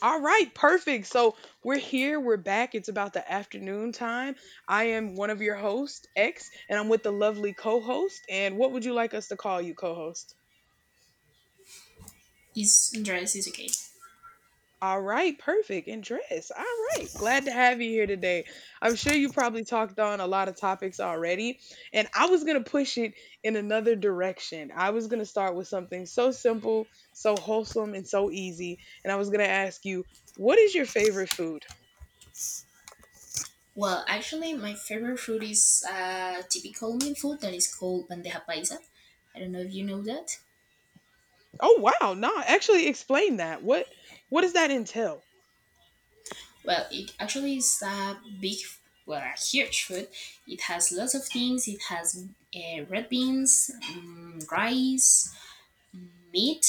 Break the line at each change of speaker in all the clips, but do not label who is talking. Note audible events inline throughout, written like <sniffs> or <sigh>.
All right, perfect. So we're here, we're back. It's about the afternoon time. I am one of your hosts, X, and I'm with the lovely co host. And what would you like us to call you, co host?
Is Andres is okay.
All right, perfect. And dress. All right. Glad to have you here today. I'm sure you probably talked on a lot of topics already. And I was going to push it in another direction. I was going to start with something so simple, so wholesome, and so easy. And I was going to ask you, what is your favorite food?
Well, actually, my favorite food is a typical Colombian food that is called bandeja paisa. I don't know if you know that.
Oh wow, no, actually explain that. What does that entail?
Well, it actually is a big, well, a huge food. It has lots of things. It has red beans, rice, meat,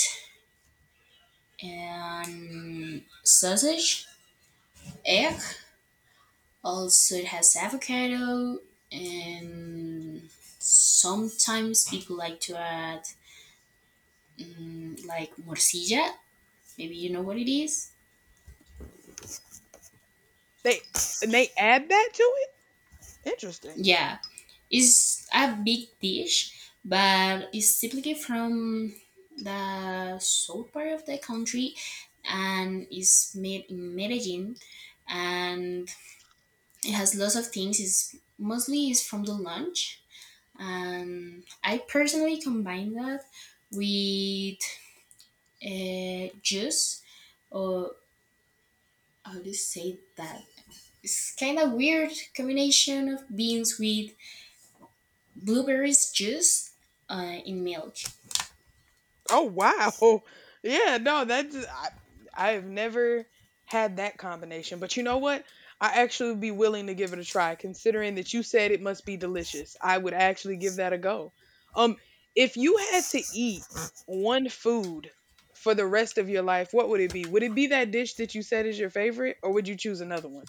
and sausage, egg. Also, it has avocado and sometimes people like to add like morcilla. Maybe you know what it is.
They and they add that to it? Interesting.
Yeah, it's a big dish, but it's typically from the south part of the country, and is made in Medellin, and it has lots of things. It's mostly is from the lunch, and I personally combine that with juice, or how do you say that? It's kind of weird combination of beans with blueberries juice in milk.
Oh wow. <laughs> Yeah, no, that's I I've never had that combination. But you know what? I actually would be willing to give it a try considering that you said it must be delicious. I would actually give that a go. Um if you had to eat one food for the rest of your life, what would it be? Would it be that dish that you said is your favorite or would you choose another one?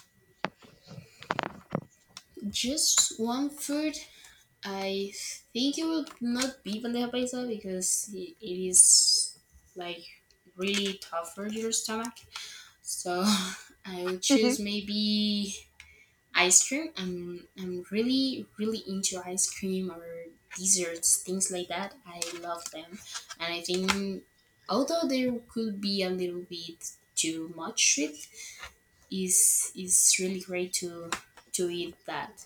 Just one food. I think it would not be bandeja paisa because it is like really tough for your stomach. So <laughs> I would choose
<laughs>
maybe ice cream. I'm really, really into ice cream or desserts, things like that. I love them, and I think although there could be a little bit too much sweet, is really great to eat that.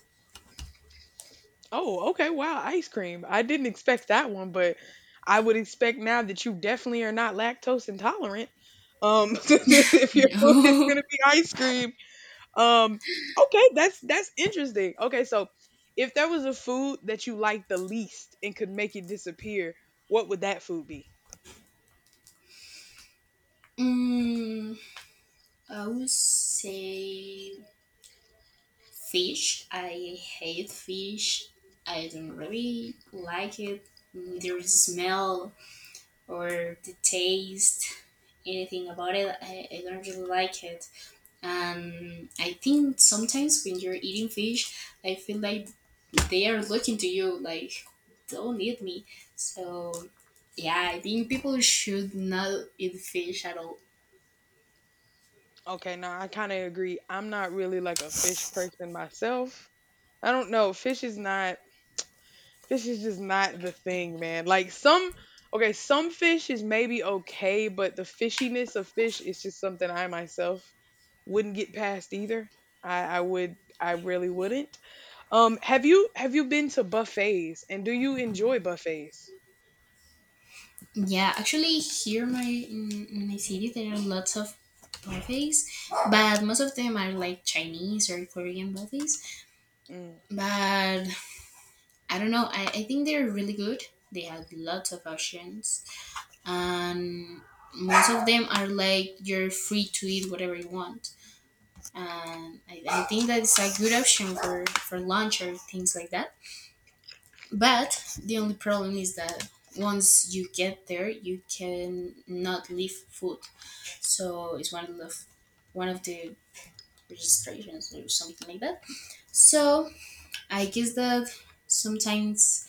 Oh, okay. Wow, ice cream. I didn't expect that one, but I would expect now that you definitely are not lactose intolerant. <laughs> If your food is
<laughs>
gonna be ice cream. Um, okay, that's interesting. Okay, so if there was a food that you liked the least and could make it disappear, what would that food be?
mm, I would say fish. I hate fish. I don't really like it. Neither the smell or the taste, anything about it. I don't really like it. And I think sometimes when you're eating fish, I feel like they are looking to you like, don't eat me. So, yeah, I think people should not eat fish at all.
Okay, no, I kind of agree. I'm not really like a fish person myself. I don't know. Fish is not This is just not the thing, man. Like, some okay, some fish is maybe okay, but the fishiness of fish is just something I myself wouldn't get past either. I really wouldn't. Have you been to buffets and do you enjoy buffets?
Yeah, actually, here my in my city there are lots of buffets, but most of them are like Chinese or Korean buffets.
Mm.
But I don't know. I think they're really good. They have lots of options, and most of them are like you're free to eat whatever you want. And I think that's a good option for lunch or things like that. But the only problem is that once you get there, you can not leave food. So it's one of the registrations or something like that. So I guess that sometimes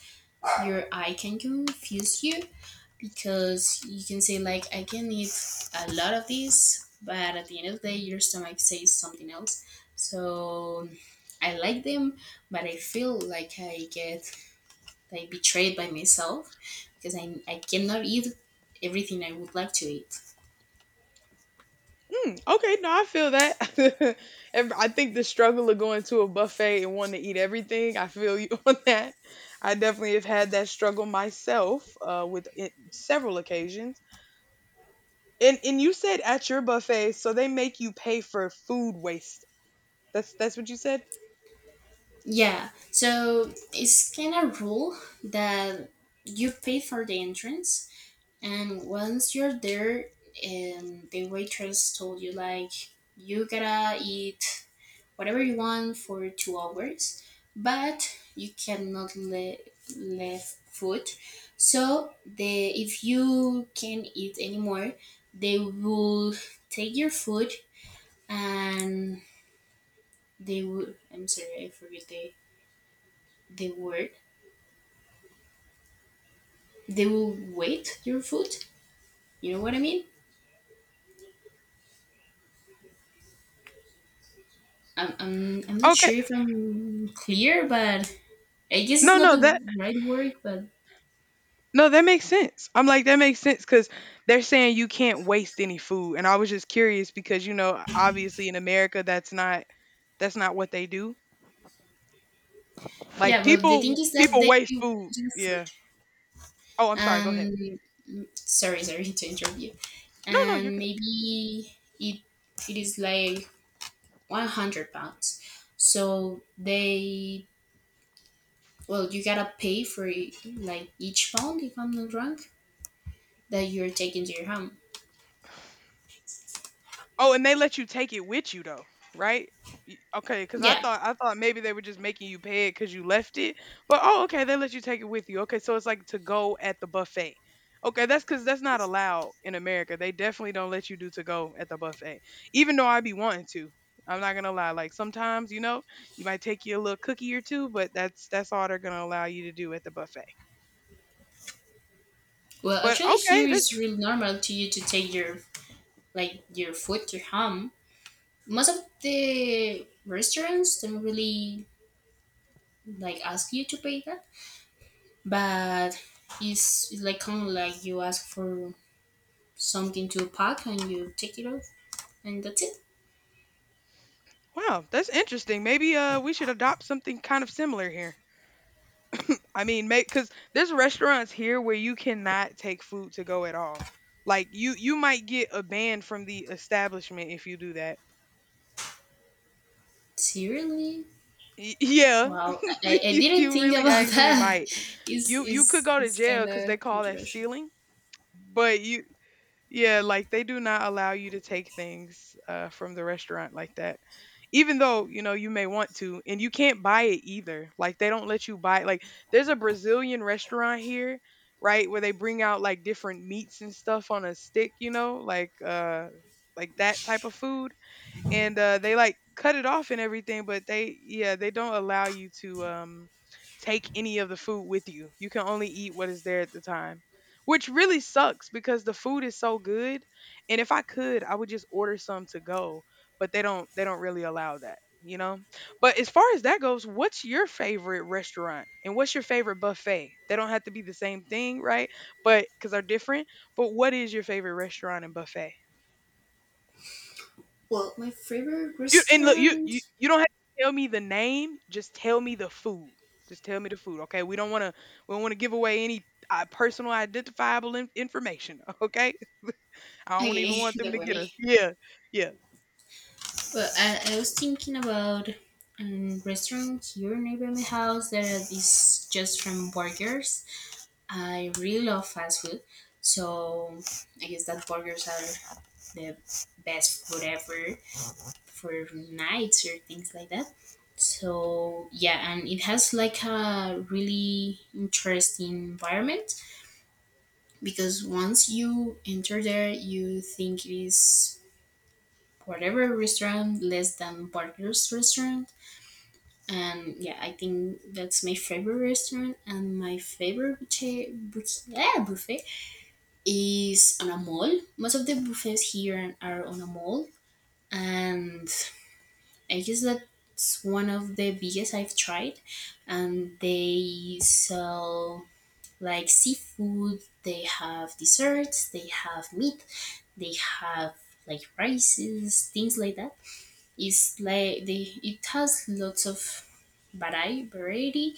your eye can confuse you because you can say like I can eat a lot of this, but at the end of the day, your stomach says something else. So I like them, but I feel like I get like betrayed by myself because I cannot eat everything I would like to eat.
Mm, okay, no, I feel that. <laughs> I think the struggle of going to a buffet and wanting to eat everything, I feel you <laughs> on that. I definitely have had that struggle myself with it, several occasions. And you said at your buffet, so they make you pay for food waste. That's what you said?
Yeah, so it's kind of rule that you pay for the entrance, and once you're there, the waitress told you like you gotta eat whatever you want for 2 hours, but you cannot leave food. So the if you can not eat anymore, they will take your food and they will. I'm sorry, I forget the word. They will wait your food. You know what I mean? I'm not
Okay.
sure if I'm clear, but I guess it's
No,
not
no,
the
that
right word, but
no, that makes sense. I'm like that makes sense cuz they're saying you can't waste any food and I was just curious because you know obviously in America that's not what they do. Like
yeah. Well, the thing
people
is that
people
they
waste
will
food.
wait your food.
Yeah. Oh, I'm sorry. Go ahead.
And sorry to interrupt you.
No, no, you're
And maybe it is like 100 pounds, so they, well, you gotta pay for it, like each pound if I'm not wrong, that you're taking to your home.
Oh, and they let you take it with you though, right? Okay, because I
Yeah,
thought I thought maybe they were just making you pay it because you left it. But oh, okay, they let you take it with you. Okay, so it's like to go at the buffet. Okay, that's because that's not allowed in America. They definitely don't let you do to go at the buffet. Even though I be wanting to. I'm not gonna lie. Like sometimes, you know, you might take you a little cookie or two, but that's all they're gonna allow you to do at the buffet.
well
But
actually
okay,
here it's
that's
really normal to you to take your like your food to home. Most of the restaurants don't really like ask you to pay that, but it's like kind of like you ask for something to pack and you take it off and that's it.
Wow, that's interesting. Maybe we should adopt something kind of similar here. I mean, make because there's restaurants here where you cannot take food to go at all. Like you might get a ban from the establishment if you do that.
Seriously?
Yeah,
Wow, i,
<laughs>
I
you,
didn't
you
think
really
about <laughs>
actually
that.
might.
is
You could
is
go to
is
jail
kind
because they
of
call that
controversial.
stealing. But, yeah, like they do not allow you to take things from the restaurant like that. Even though you know you may want to and you can't buy it either, like they don't let you buy it. Like there's a Brazilian restaurant here, right, where they bring out like different meats and stuff on a stick, you know, like that type of food. And they like cut it off and everything, but they, yeah, they don't allow you to take any of the food with you. You can only eat what is there at the time, which really sucks because the food is so good. And if I could, I would just order some to go, but they don't really allow that, you know. But as far as that goes, what's your favorite restaurant and what's your favorite buffet? They don't have to be the same thing, right? But because they're different. But what is your favorite restaurant and buffet?
Well, my favorite
You and look, you
restaurant,
you you don't have to tell me the name, just tell me the food. Just tell me the food, okay? We don't want to give away any personal identifiable information, <laughs> okay? I don't
okay,
even want
<laughs>
them
don't
to get
worry.
us. Yeah. Yeah.
Well, I was thinking about a restaurant here near my house that is just from burgers. I really love fast food, so I guess that burgers are the best food ever for nights or things like that. So yeah, and it has like a really interesting environment because once you enter there, you think it is whatever restaurant less than Barker's restaurant. And yeah, I think that's my favorite restaurant. And my favorite buffet, yeah, buffet is on a mall. Most of the buffets here are on a mall, and I guess that's one of the biggest I've tried. And they sell like seafood, they have desserts, they have meat, they have like rices, things like that. It's like they it has lots of variety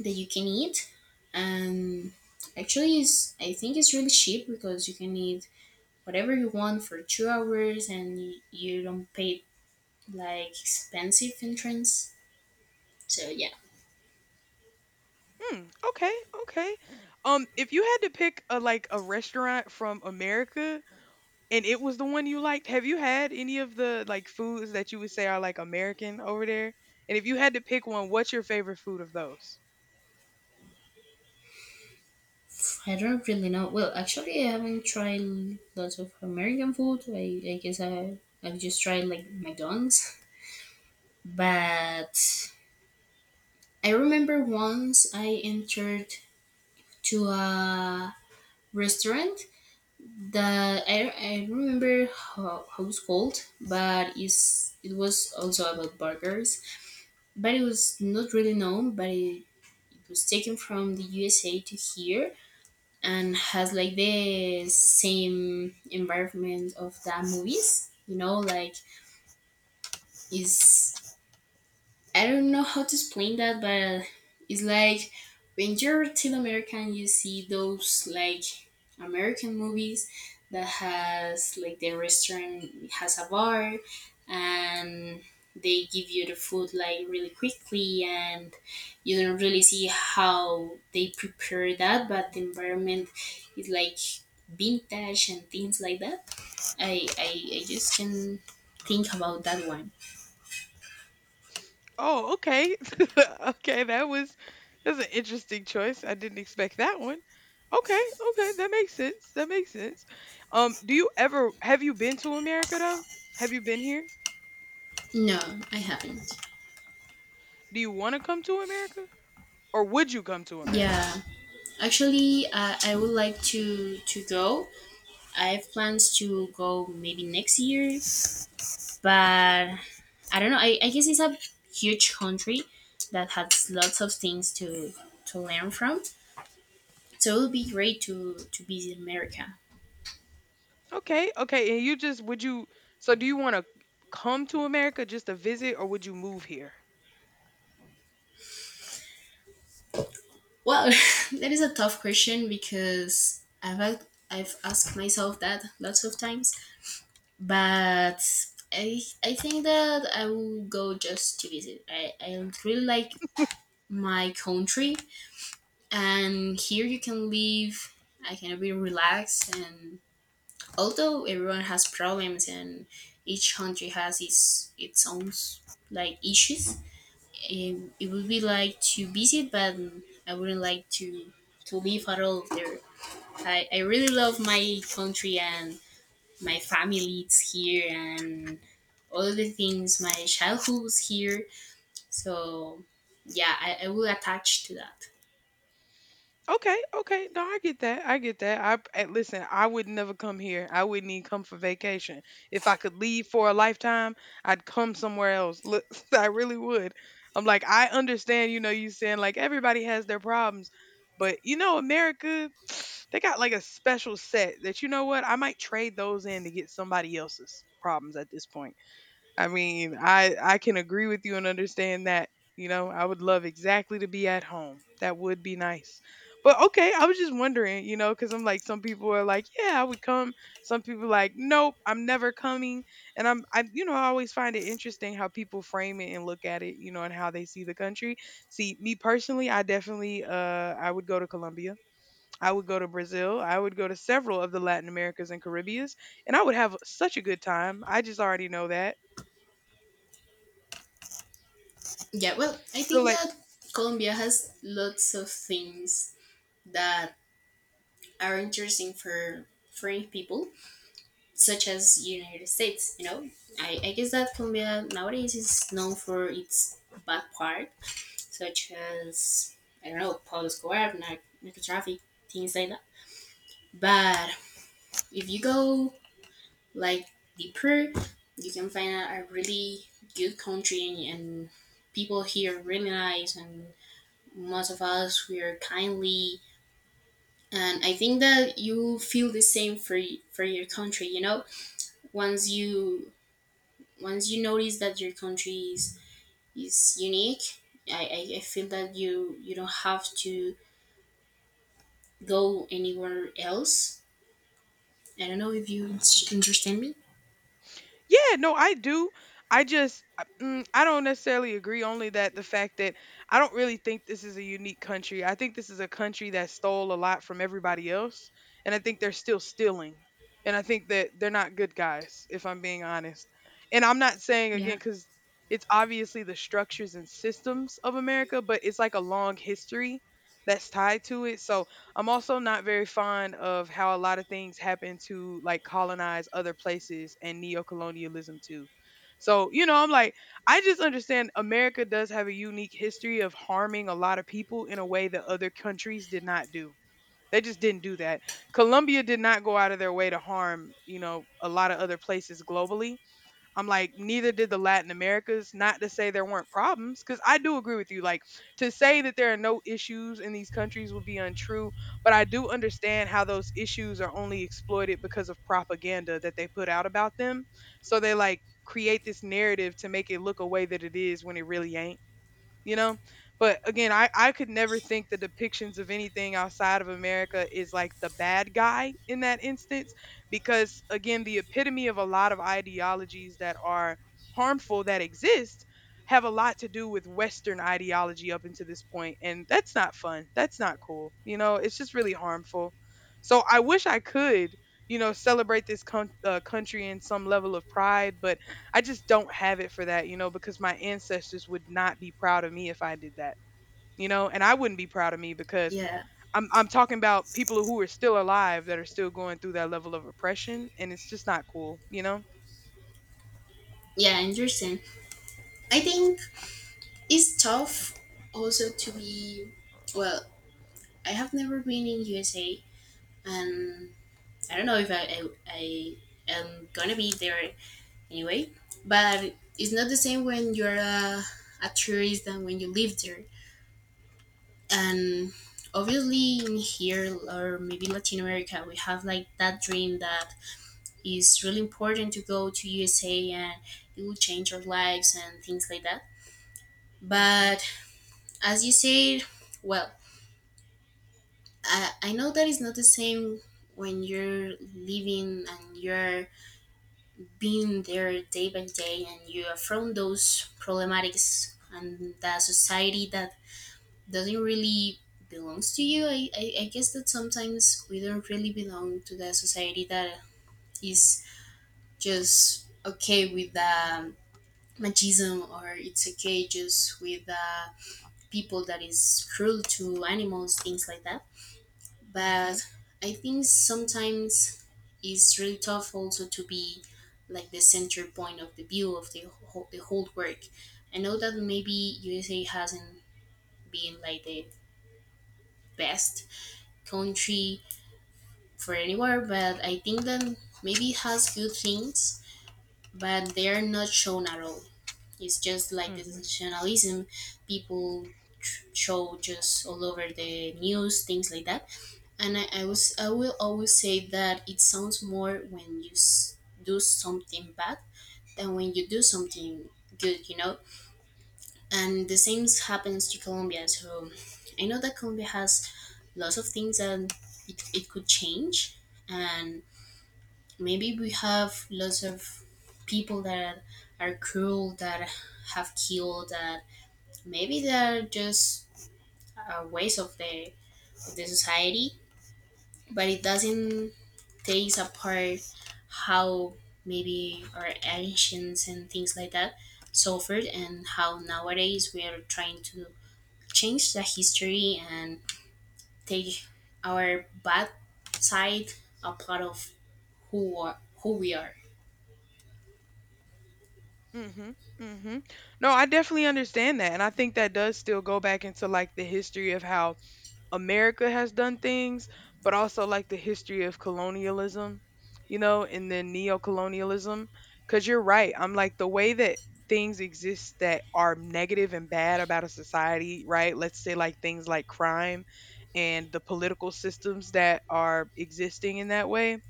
that you can eat. And actually is, I think it's really cheap because you can eat whatever you want for 2 hours, and you don't pay like expensive entrance. So yeah,
Hmm, okay. Okay. If you had to pick a like a restaurant from America and it was the one you liked, have you had any of the like foods that you would say are like American over there? And if you had to pick one, what's your favorite food of those?
I don't really know. Well, actually, I haven't tried lots of American food. I guess I've just tried like McDonald's, but I remember once I entered to a restaurant that I remember how it's called, but it was also about burgers, but it was not really known, but it was taken from the USA to here, and has like the same environment of the movies, like. Is, I don't know how to explain that, but it's like when you're Latin american you see those like american movies that has like the restaurant has a bar and they give you the food like really quickly and you don't really see how they prepare that, but the environment is like vintage and things like that. I just can think about that one.
Oh, okay. <laughs> Okay, that's an interesting choice. I didn't expect that one. Okay, okay, that makes sense. That makes sense. Do you ever Have you been to America though? Have you been here?
No, I haven't.
Do you want to come to America? Or would you come to America?
Yeah, actually, I would like to go. I have plans to go maybe next year, but I don't know. I guess it's a huge country that has lots of things to learn from. So it would be great to visit America.
Okay, okay. And you just would you so do you want to come to America just to visit or would you move here?
Well, <laughs> that is a tough question because I've asked myself that lots of times, but I think that I will go just to visit. I really like my country, and here you can live. I can be relaxed, and although everyone has problems and each country has its own like issues, it would be like to visit, but I wouldn't like to live at all there. I really love my country and my family is here and all the things my childhood was here, so yeah, I will attach to that.
Okay, okay. No, I get that. I get that. I listen, I would never come here. I wouldn't even come for vacation. If I could leave for a lifetime, I'd come somewhere else. Look, <laughs> I really would. I'm like, I understand, you know, you saying like everybody has their problems, but you know, America, <sniffs> they got like a special set that you know what? I might trade those in to get somebody else's problems at this point. I mean, I can agree with you and understand that. You know, I would love exactly to be at home. That would be nice. But okay, I was just wondering, you know, cuz I'm like some people are like, "Yeah, I would come." Some people like, "Nope, I'm never coming." And I'm I you know, I always find it interesting how people frame it and look at it, you know, and how they see the country. See, me personally, I definitely I would go to Colombia. I would go to Brazil. I would go to several of the Latin Americas and Caribbeans, and I would have such a good time. I just already know that.
Yeah, well I
So
think
like
that Colombia has lots of things that are interesting for foreign people such as United States, you know. I guess that Colombia nowadays is known for its bad part, such as, I don't know, Pablo Escobar, narco traffic, things like that. But if you go like deeper, you can find out a really good country. And, people here are really nice, and most of us we are kindly. And I think that you feel the same for your country. You know, once you once you notice that your country is unique, I feel that you don't have to go anywhere else. I don't know if understand me.
Yeah, no, I do. I just, I mm, I don't necessarily agree. Only that the fact that I don't really think this is a unique country. I think this is a country that stole a lot from everybody else, and I think they're still stealing. And I think that they're not good guys, if I'm being honest. And I'm not saying again
Yeah.
because it's obviously the structures and systems of America, but it's like a long history that's tied to it. So I'm also not very fond of how a lot of things happen to like colonize other places and neo-colonialism too. So, you know, I'm like, I just understand America does have a unique history of harming a lot of people in a way that other countries did not do. They just didn't do that. Colombia did not go out of their way to harm, you know, a lot of other places globally. I'm like, neither did the Latin Americas. Not to say there weren't problems, because I do agree with you. Like, to say that there are no issues in these countries would be untrue, but I do understand how those issues are only exploited because of propaganda that they put out about them. So they like create this narrative to make it look a way that it is when it really ain't, you know but again I could never think the depictions of anything outside of America is like the bad guy in that instance, because again the epitome of a lot of ideologies that are harmful that exist have a lot to do with Western ideology up until this point. And that's not fun, that's not cool, you know, it's just really harmful. So I wish I could, celebrate this country in some level of pride, but I just don't have it for that, you know, because my ancestors would not be proud of me if I did that, you know, and I wouldn't be proud of me because
Yeah,
I'm talking about people who are still alive that are still going through that level of oppression, and it's just not cool, you know.
yeah, I understand. I think it's tough also to be, well, I have never been in USA, and I don't know if I am gonna be there anyway. But it's not the same when you're a tourist than when you live there. And obviously in here, or maybe Latin America, we have like that dream that is really important to go to USA, and it will change our lives and things like that.
Mhm.
But as you said, well, I know that it's not the same when you're living and you're being there day by day, and you are from those problematics and that society that doesn't really belongs to you. I guess that sometimes we don't really belong to the society that is just okay with the machismo, or it's okay just with the people that is cruel to animals, things like that.
Mhm.
But I think sometimes it's really tough also to be like the center point of the view of the whole work. I know that maybe USA hasn't been like the best country for anywhere, but I think that maybe it has good things, but they are not shown at all. It's just like the
Mhm.
sensationalism people show just all over the news, things like that. And I will always say that it sounds more when do something bad than when you do something good, you know? And the same happens to Colombia. So I know that Colombia has lots of things that it could change. And maybe we have lots of people that are cruel, that have killed, that maybe they're just ways of the society. But it doesn't takes apart how maybe our ancients and things like that suffered and how nowadays we are trying to change the history and take our bad side a part of who are, who we are.
Mhm. Mhm. No, I definitely understand that, and I think that does still go back into like the history of how America has done things, but also like the history of colonialism, you know, and then neocolonialism. Because you're right. I'm like the way that things exist that are negative and bad about a society, right? Let's say like things like crime and the political systems that are existing in that way.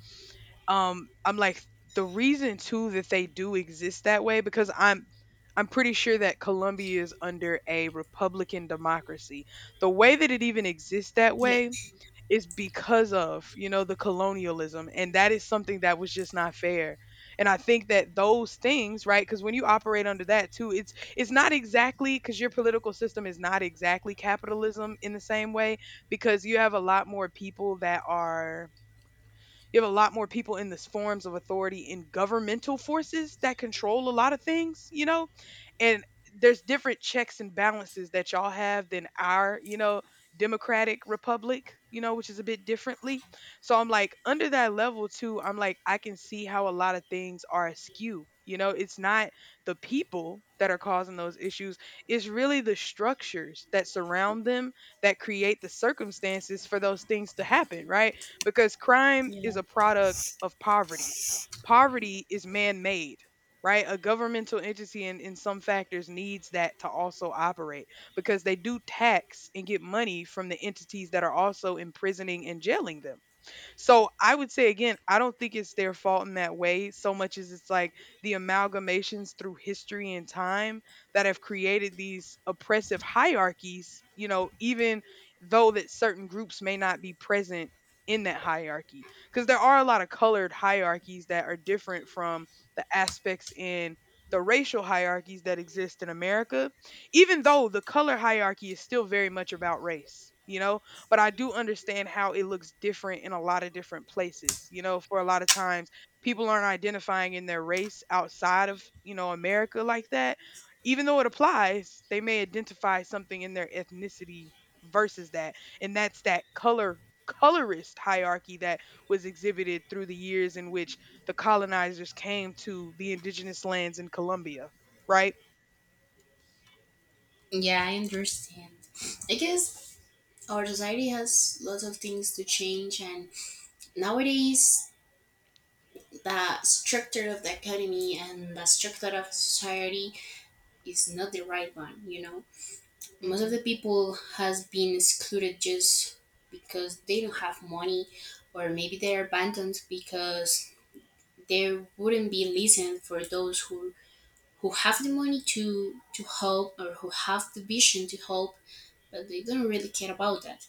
I'm like, the reason too that they do exist that way because I'm pretty sure that Colombia is under a republican democracy. The way that it even exists that
Yeah,
way is because of, you know, the colonialism. And that is something that was just not fair. And I think that those things, right? Because when you operate under that too, it's not exactly because your political system is not exactly capitalism in the same way, because you have a lot more people that are you have a lot more people in this forms of authority in governmental forces that control a lot of things, you know? And there's different checks and balances that y'all have than our, you know, democratic republic, you know, which is a bit differently. So I'm like, under that level too, I'm like, I can see how a lot of things are askew. You know, it's not the people that are causing those issues, it's really the structures that surround them that create the circumstances for those things to happen, right? Because crime
yeah
is a product of poverty. Poverty is man made, right? A governmental entity in some factors needs that to also operate because they do tax and get money from the entities that are also imprisoning and jailing them. So I would say again, I don't think it's their fault in that way so much as it's like the amalgamations through history and time that have created these oppressive hierarchies, you know, even though that certain groups may not be present in that hierarchy. Because there are a lot of colored hierarchies that are different from the aspects in the racial hierarchies that exist in America, even though the color hierarchy is still very much about race, you know? But I do understand how it looks different in a lot of different places. You know, for a lot of times, people aren't identifying in their race outside of, you know, America like that. Even though it applies, they may identify something in their ethnicity versus that. And that's that color colorist hierarchy that was exhibited through the years in which the colonizers came to the indigenous lands in Colombia, right?
yeah, I understand. I guess our society has lots of things to change, and nowadays the structure of the academy and the structure of society is not the right one, you know. Most of the
Mhm.
people has been excluded just because they don't have money, or maybe they're abandoned because they wouldn't be listened for those who have the money to help, or who have the vision to help, but they don't really care about that.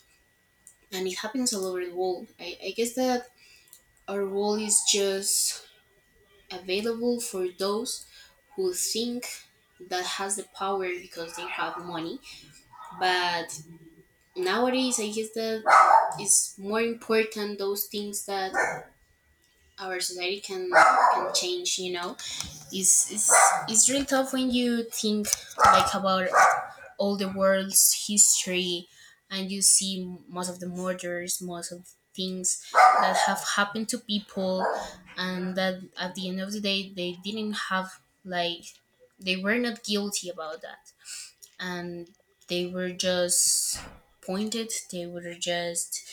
And it happens all over the world. I guess that our world is just available for those who think that has the power because they have money. But nowadays I guess that it's more important those things that our society can change, you know. It's really tough when you think like about all the world's history, and you see most of the murders, most of things that have happened to people, and that at the end of the day they didn't have like, they were not guilty about that. And they were just pointed, they were just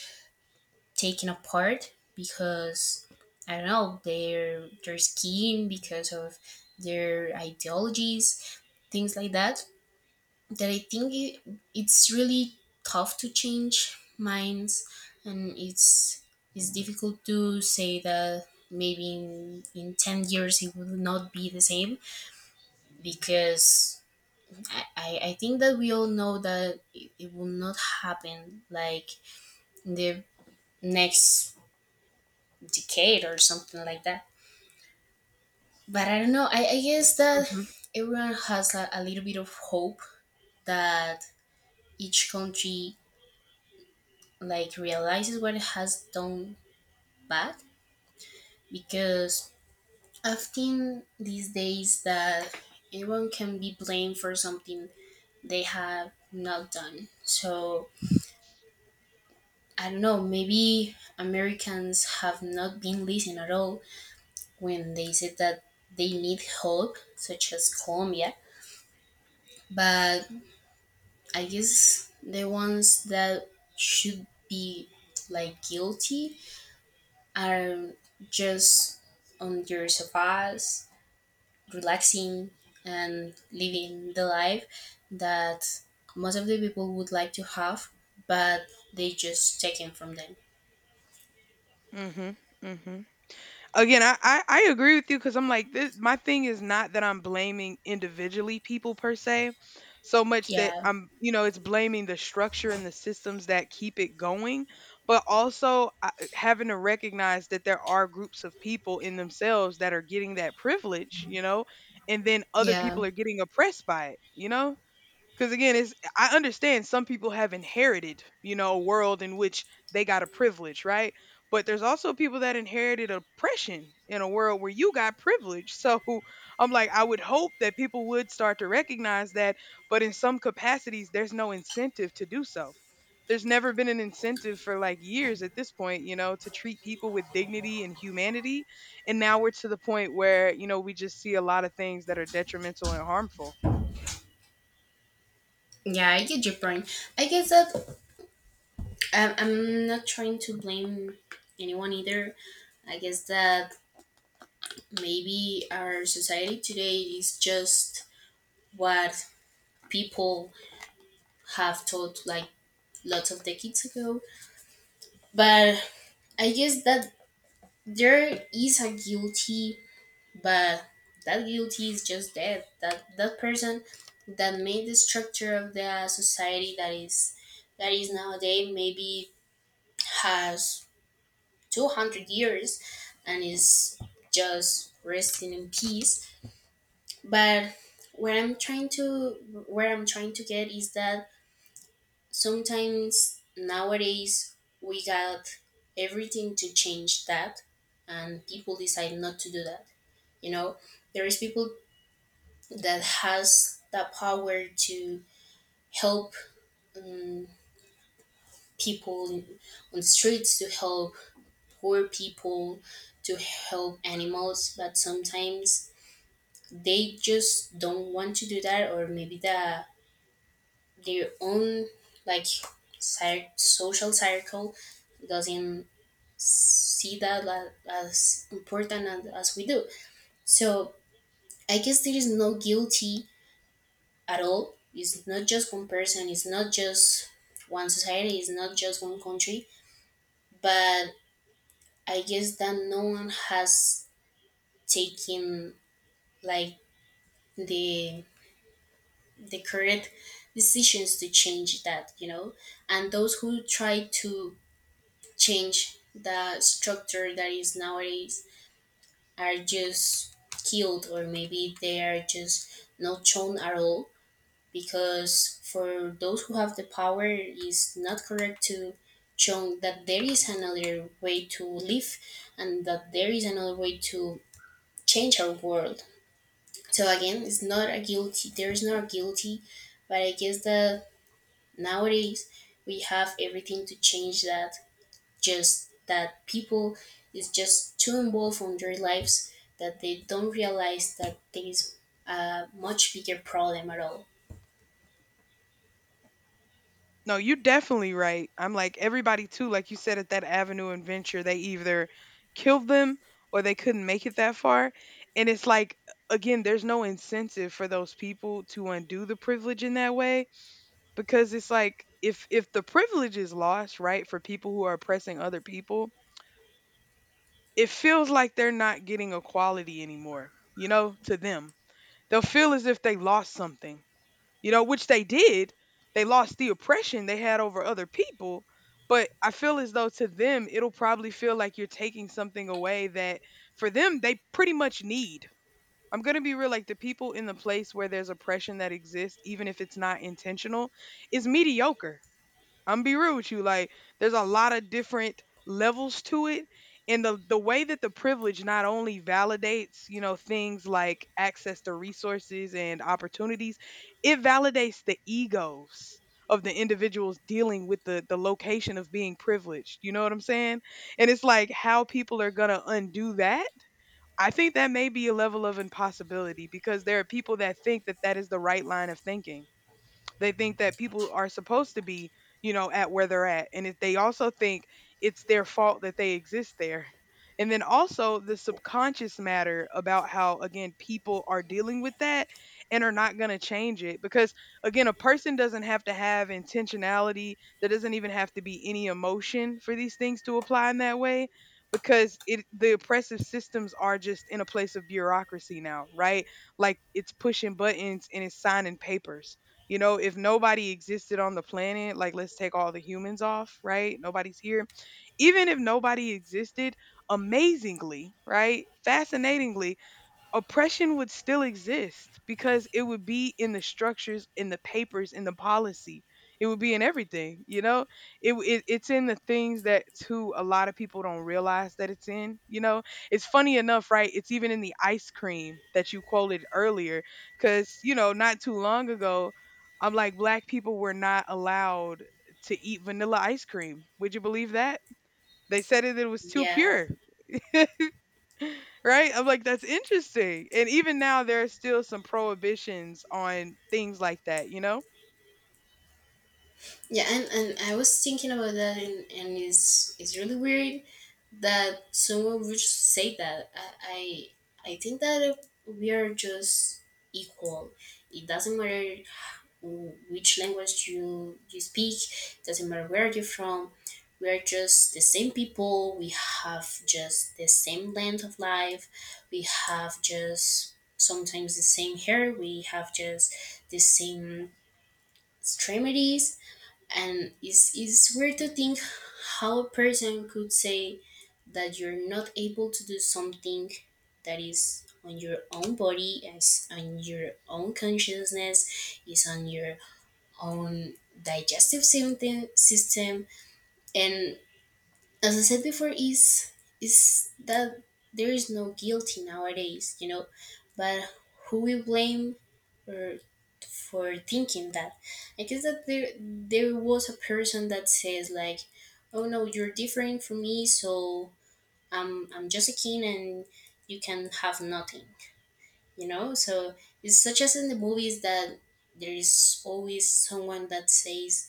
taken apart because, I don't know, their scheme, because of their ideologies, things like that, that I think it's really tough to change minds. And it's difficult to say that maybe in 10 years it will not be the same, because I think that we all know that it will not happen like in the next decade or something like that. But I don't know. I guess that
Mhm.
everyone has a little bit of hope that each country like realizes what it has done bad, because I've seen these days that anyone can be blamed for something they have not done. So I don't know, maybe Americans have not been listened at all when they said that they need help, such as Colombia. But I guess the ones that should be like guilty are just on their sofas, relaxing and living the life that most of the people would like to have, but they just taken from them.
Mhm. Mhm. Again I agree with you because I'm like this, my thing is not that I'm blaming individually people per se so much that
Yeah,
I'm, you know, it's blaming the structure and the systems that keep it going, but also having to recognize that there are groups of people in themselves that are getting that privilege, you know, and then other
yeah.
people are getting oppressed by it, you know. Because again, it's I understand some people have inherited, you know, a world in which they got a privilege, right? But there's also people that inherited oppression in a world where you got privilege. So <laughs> I'm like, I would hope that people would start to recognize that, but in some capacities, there's no incentive to do so. There's never been an incentive for like years at this point, you know, to treat people with dignity and humanity. And now we're to the point where, you know, we just see a lot of things that are detrimental and harmful.
Yeah, I get your point. I guess that I'm not trying to blame anyone either. I guess that maybe our society today is just what people have taught like lots of decades ago. But I guess that there is a guilty, but that guilty is just dead. That that person that made the structure of the society that is nowadays maybe has 200 years and is just resting in peace. But what I'm trying to where I'm trying to get is that sometimes nowadays we got everything to change that, and people decide not to do that, you know. There is people that has the power to help people on the streets, to help poor people, to help animals, but sometimes they just don't want to do that. Or maybe the their own like social circle doesn't see that as important as we do. So I guess there is no guilty at all. It's not just one person, it's not just one society, it's not just one country. But I guess that no one has taken like the the create decisions to change that, you know. And those who try to change the structure that is nowadays are just killed, or maybe they are just not shown at all, because for those who have the power is not correct to show that there is another way to live, and that there is another way to change our world. So again, it's not a guilty, there is not a guilty. But I guess that nowadays we have everything to change that. Just that people is just too involved on their lives that they don't realize that there is a much bigger problem at all.
No, you're definitely right. I'm like everybody too, like you said at that Avenue and Venture, they either killed them or they couldn't make it that far. And it's like again, there's no incentive for those people to undo the privilege in that way because it's like if the privilege is lost, right, for people who are oppressing other people, it feels like they're not getting equality anymore, you know, to them. They'll feel as if they lost something, you know, which they did. They lost the oppression they had over other people. But I feel as though to them, it'll probably feel like you're taking something away that for them, they pretty much need. I'm going to be real like the people in the place where there's oppression that exists, even if it's not intentional, is mediocre. I'm be real with you. Like, there's a lot of different levels to it. And the way that the privilege not only validates, you know, things like access to resources and opportunities, it validates the egos of the individuals dealing with the location of being privileged. You know what I'm saying? And it's like how people are gonna undo that. I think that may be a level of impossibility because there are people that think that that is the right line of thinking. They think that people are supposed to be, you know, at where they're at. And if they also think it's their fault that they exist there. And then also the subconscious matter about how, again, people are dealing with that and are not going to change it. Because, again, a person doesn't have to have intentionality, there doesn't even have to be any emotion for these things to apply in that way. Because it, the oppressive systems are just in a place of bureaucracy now, right? Like it's pushing buttons and it's signing papers. You know, if nobody existed on the planet, like let's take all the humans off, right? Nobody's here. Even if nobody existed, amazingly, right? Fascinatingly, oppression would still exist because it would be in the structures, in the papers, in the policy. It would be in everything, you know? It, it it's in the things that too a lot of people don't realize that it's in, you know? It's funny enough, right? It's even in the ice cream that you quoted earlier cuz you know, not too long ago, I'm like black people were not allowed to eat vanilla ice cream. Would you believe that? They said it, it was too
Yeah,
pure. <laughs> Right? I'm like, that's interesting. And even now, there are still some prohibitions on things like that, you know?
and I was thinking about that, and it's really weird that someone would just say that. I think that we are just equal. It doesn't matter which language you speak, doesn't matter where you're from, we are just the same people. We have just the same length of life, we have just sometimes the same hair, we have just the same extremities. And it's weird to think how a person could say that you're not able to do something that is on your own body, is on your own consciousness, is on your own digestive system. And as I said before, is that there is no guilty nowadays, you know. But who we blame, or for thinking that, I guess that there was a person that says like, oh no, you're different from me, so I'm just a king, and you can have nothing, you know. So it's such as in the movies, that there is always someone that says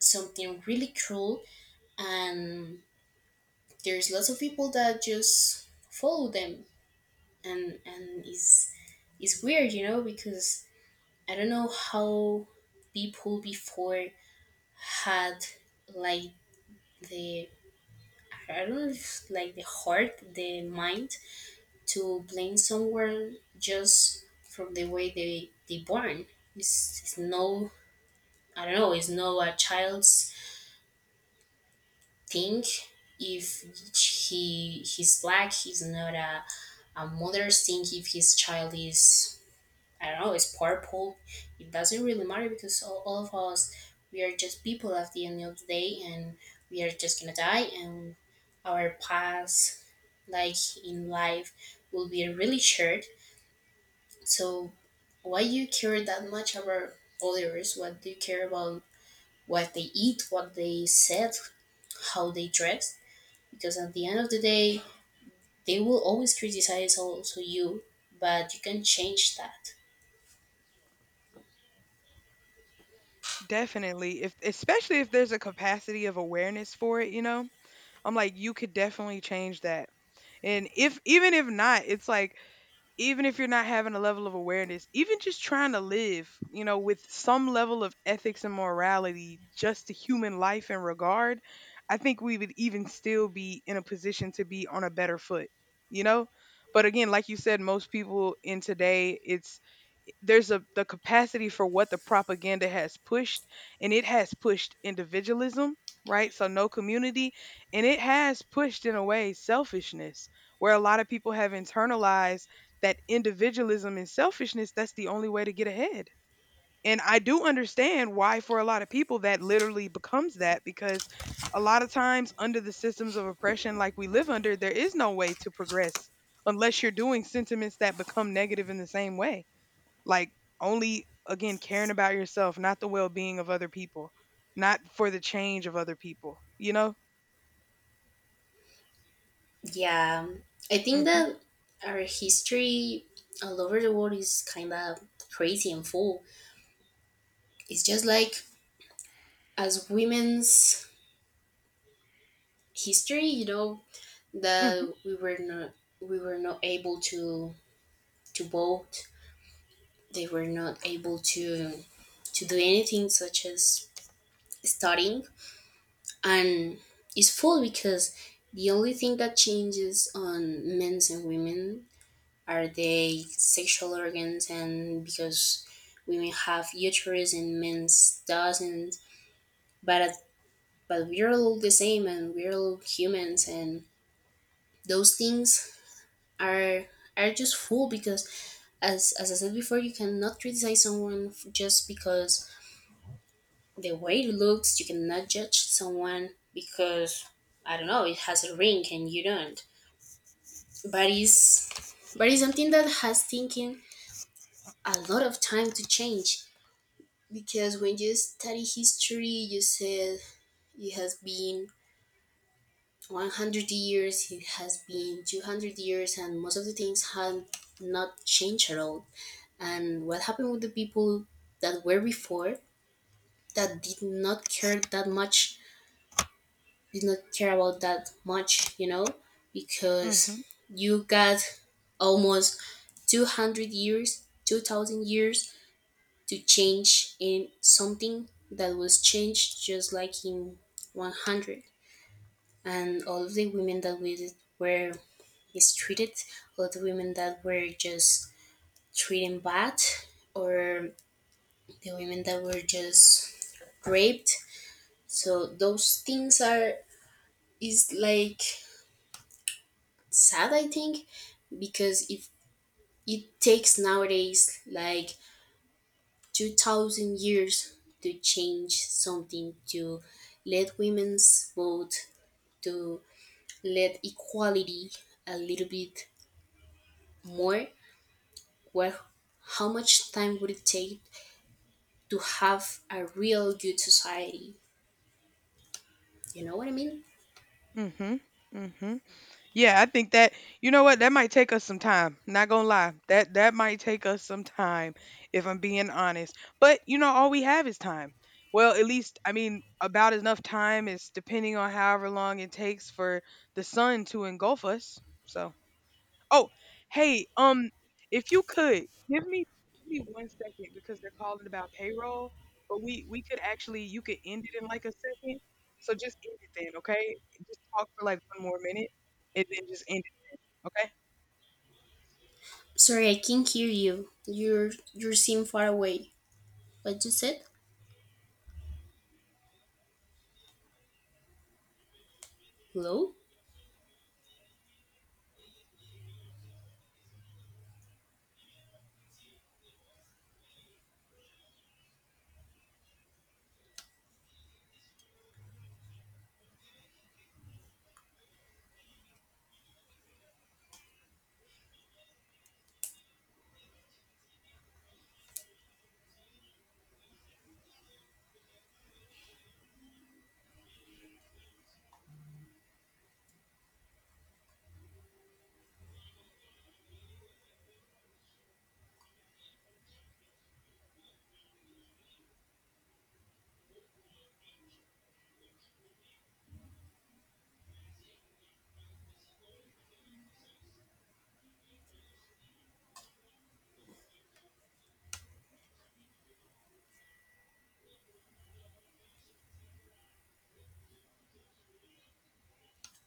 something really cool, and there's lots of people that just follow them. And it's weird, you know, because I don't know how people before had like the, I don't know if like the heart, the mind to blame someone just from the way they born. It's no, I don't know, it's no a child's think if he he's black, he's not a, a mother's thing if his child is, I don't know, is purple. It doesn't really matter, because all of us, we are just people at the end of the day, and we are just gonna die, and our path like in life will be really short. So why you care that much about others? What do you care about what they eat, what they said, how they dress? Because at the end of the day they will always criticize also you, but you can change that.
Definitely. If especially if there's a capacity of awareness for it, you know? I'm like, you could definitely change that. And if even if not, it's like even if you're not having a level of awareness, even just trying to live, you know, with some level of ethics and morality, just to human life and regard, I think we would even still be in a position to be on a better foot, you know? But again, like you said, most people in today, it's there's a the capacity for what the propaganda has pushed, and it has pushed individualism, right? So no community. And it has pushed in a way selfishness, where a lot of people have internalized that individualism and selfishness that's the only way to get ahead. And I do understand why for a lot of people that literally becomes that, because a lot of times under the systems of oppression like we live under there is no way to progress unless you're doing sentiments that become negative in the same way. Like only again caring about yourself, not the well-being of other people, not for the change of other people, you know?
Yeah, I think
Mhm.
that our history all over the world is kind of crazy and full. It's just like as women's history, you know,
Mhm.
that we were not, we were not able to vote. They were not able to do anything such as studying. And it's full because the only thing that changes on men's and women are their sexual organs, and because women have uterus and men's doesn't. But at, but we're all the same, and we're all humans, and those things are are just full, because as I said before, you cannot criticize someone just because the way it looks. You cannot judge someone because, I don't know, it has a ring and you don't. But it's, but it's something that has taken a lot of time to change, because when you study history, you said it has been 100 years, it has been 200 years, and most of the things have not changed at all. And what happened with the people that were before, that did not care that much, did not care about that much, you know? Because
Mhm.
you got almost 200 years, 2000 years to change in something that was changed just like in 100. And all of the women that we were mistreated, all the women that were just treated bad, or the women that were just raped, so those things are, is like sad, I think, because if it takes nowadays like 2,000 years to change something, to let women's vote, to let equality a little bit more? Well, how much time would it take to have a real good society? You know what I mean?
Mhm. Mhm. Yeah, I think that you know what? That might take us some time. Not going to lie. That might take us some time if I'm being honest. But you know all we have is time. Well, at least I mean about enough time is depending on however long it takes for the sun to engulf us. So Oh, hey, if you could give me give me one second because they're calling about payroll, but we could actually you could end it in like a second. So just end it then, okay? Just talk for like one more minute and then just end it, okay?
Sorry, I can't hear you. You're you seem far away. What you said? Hello?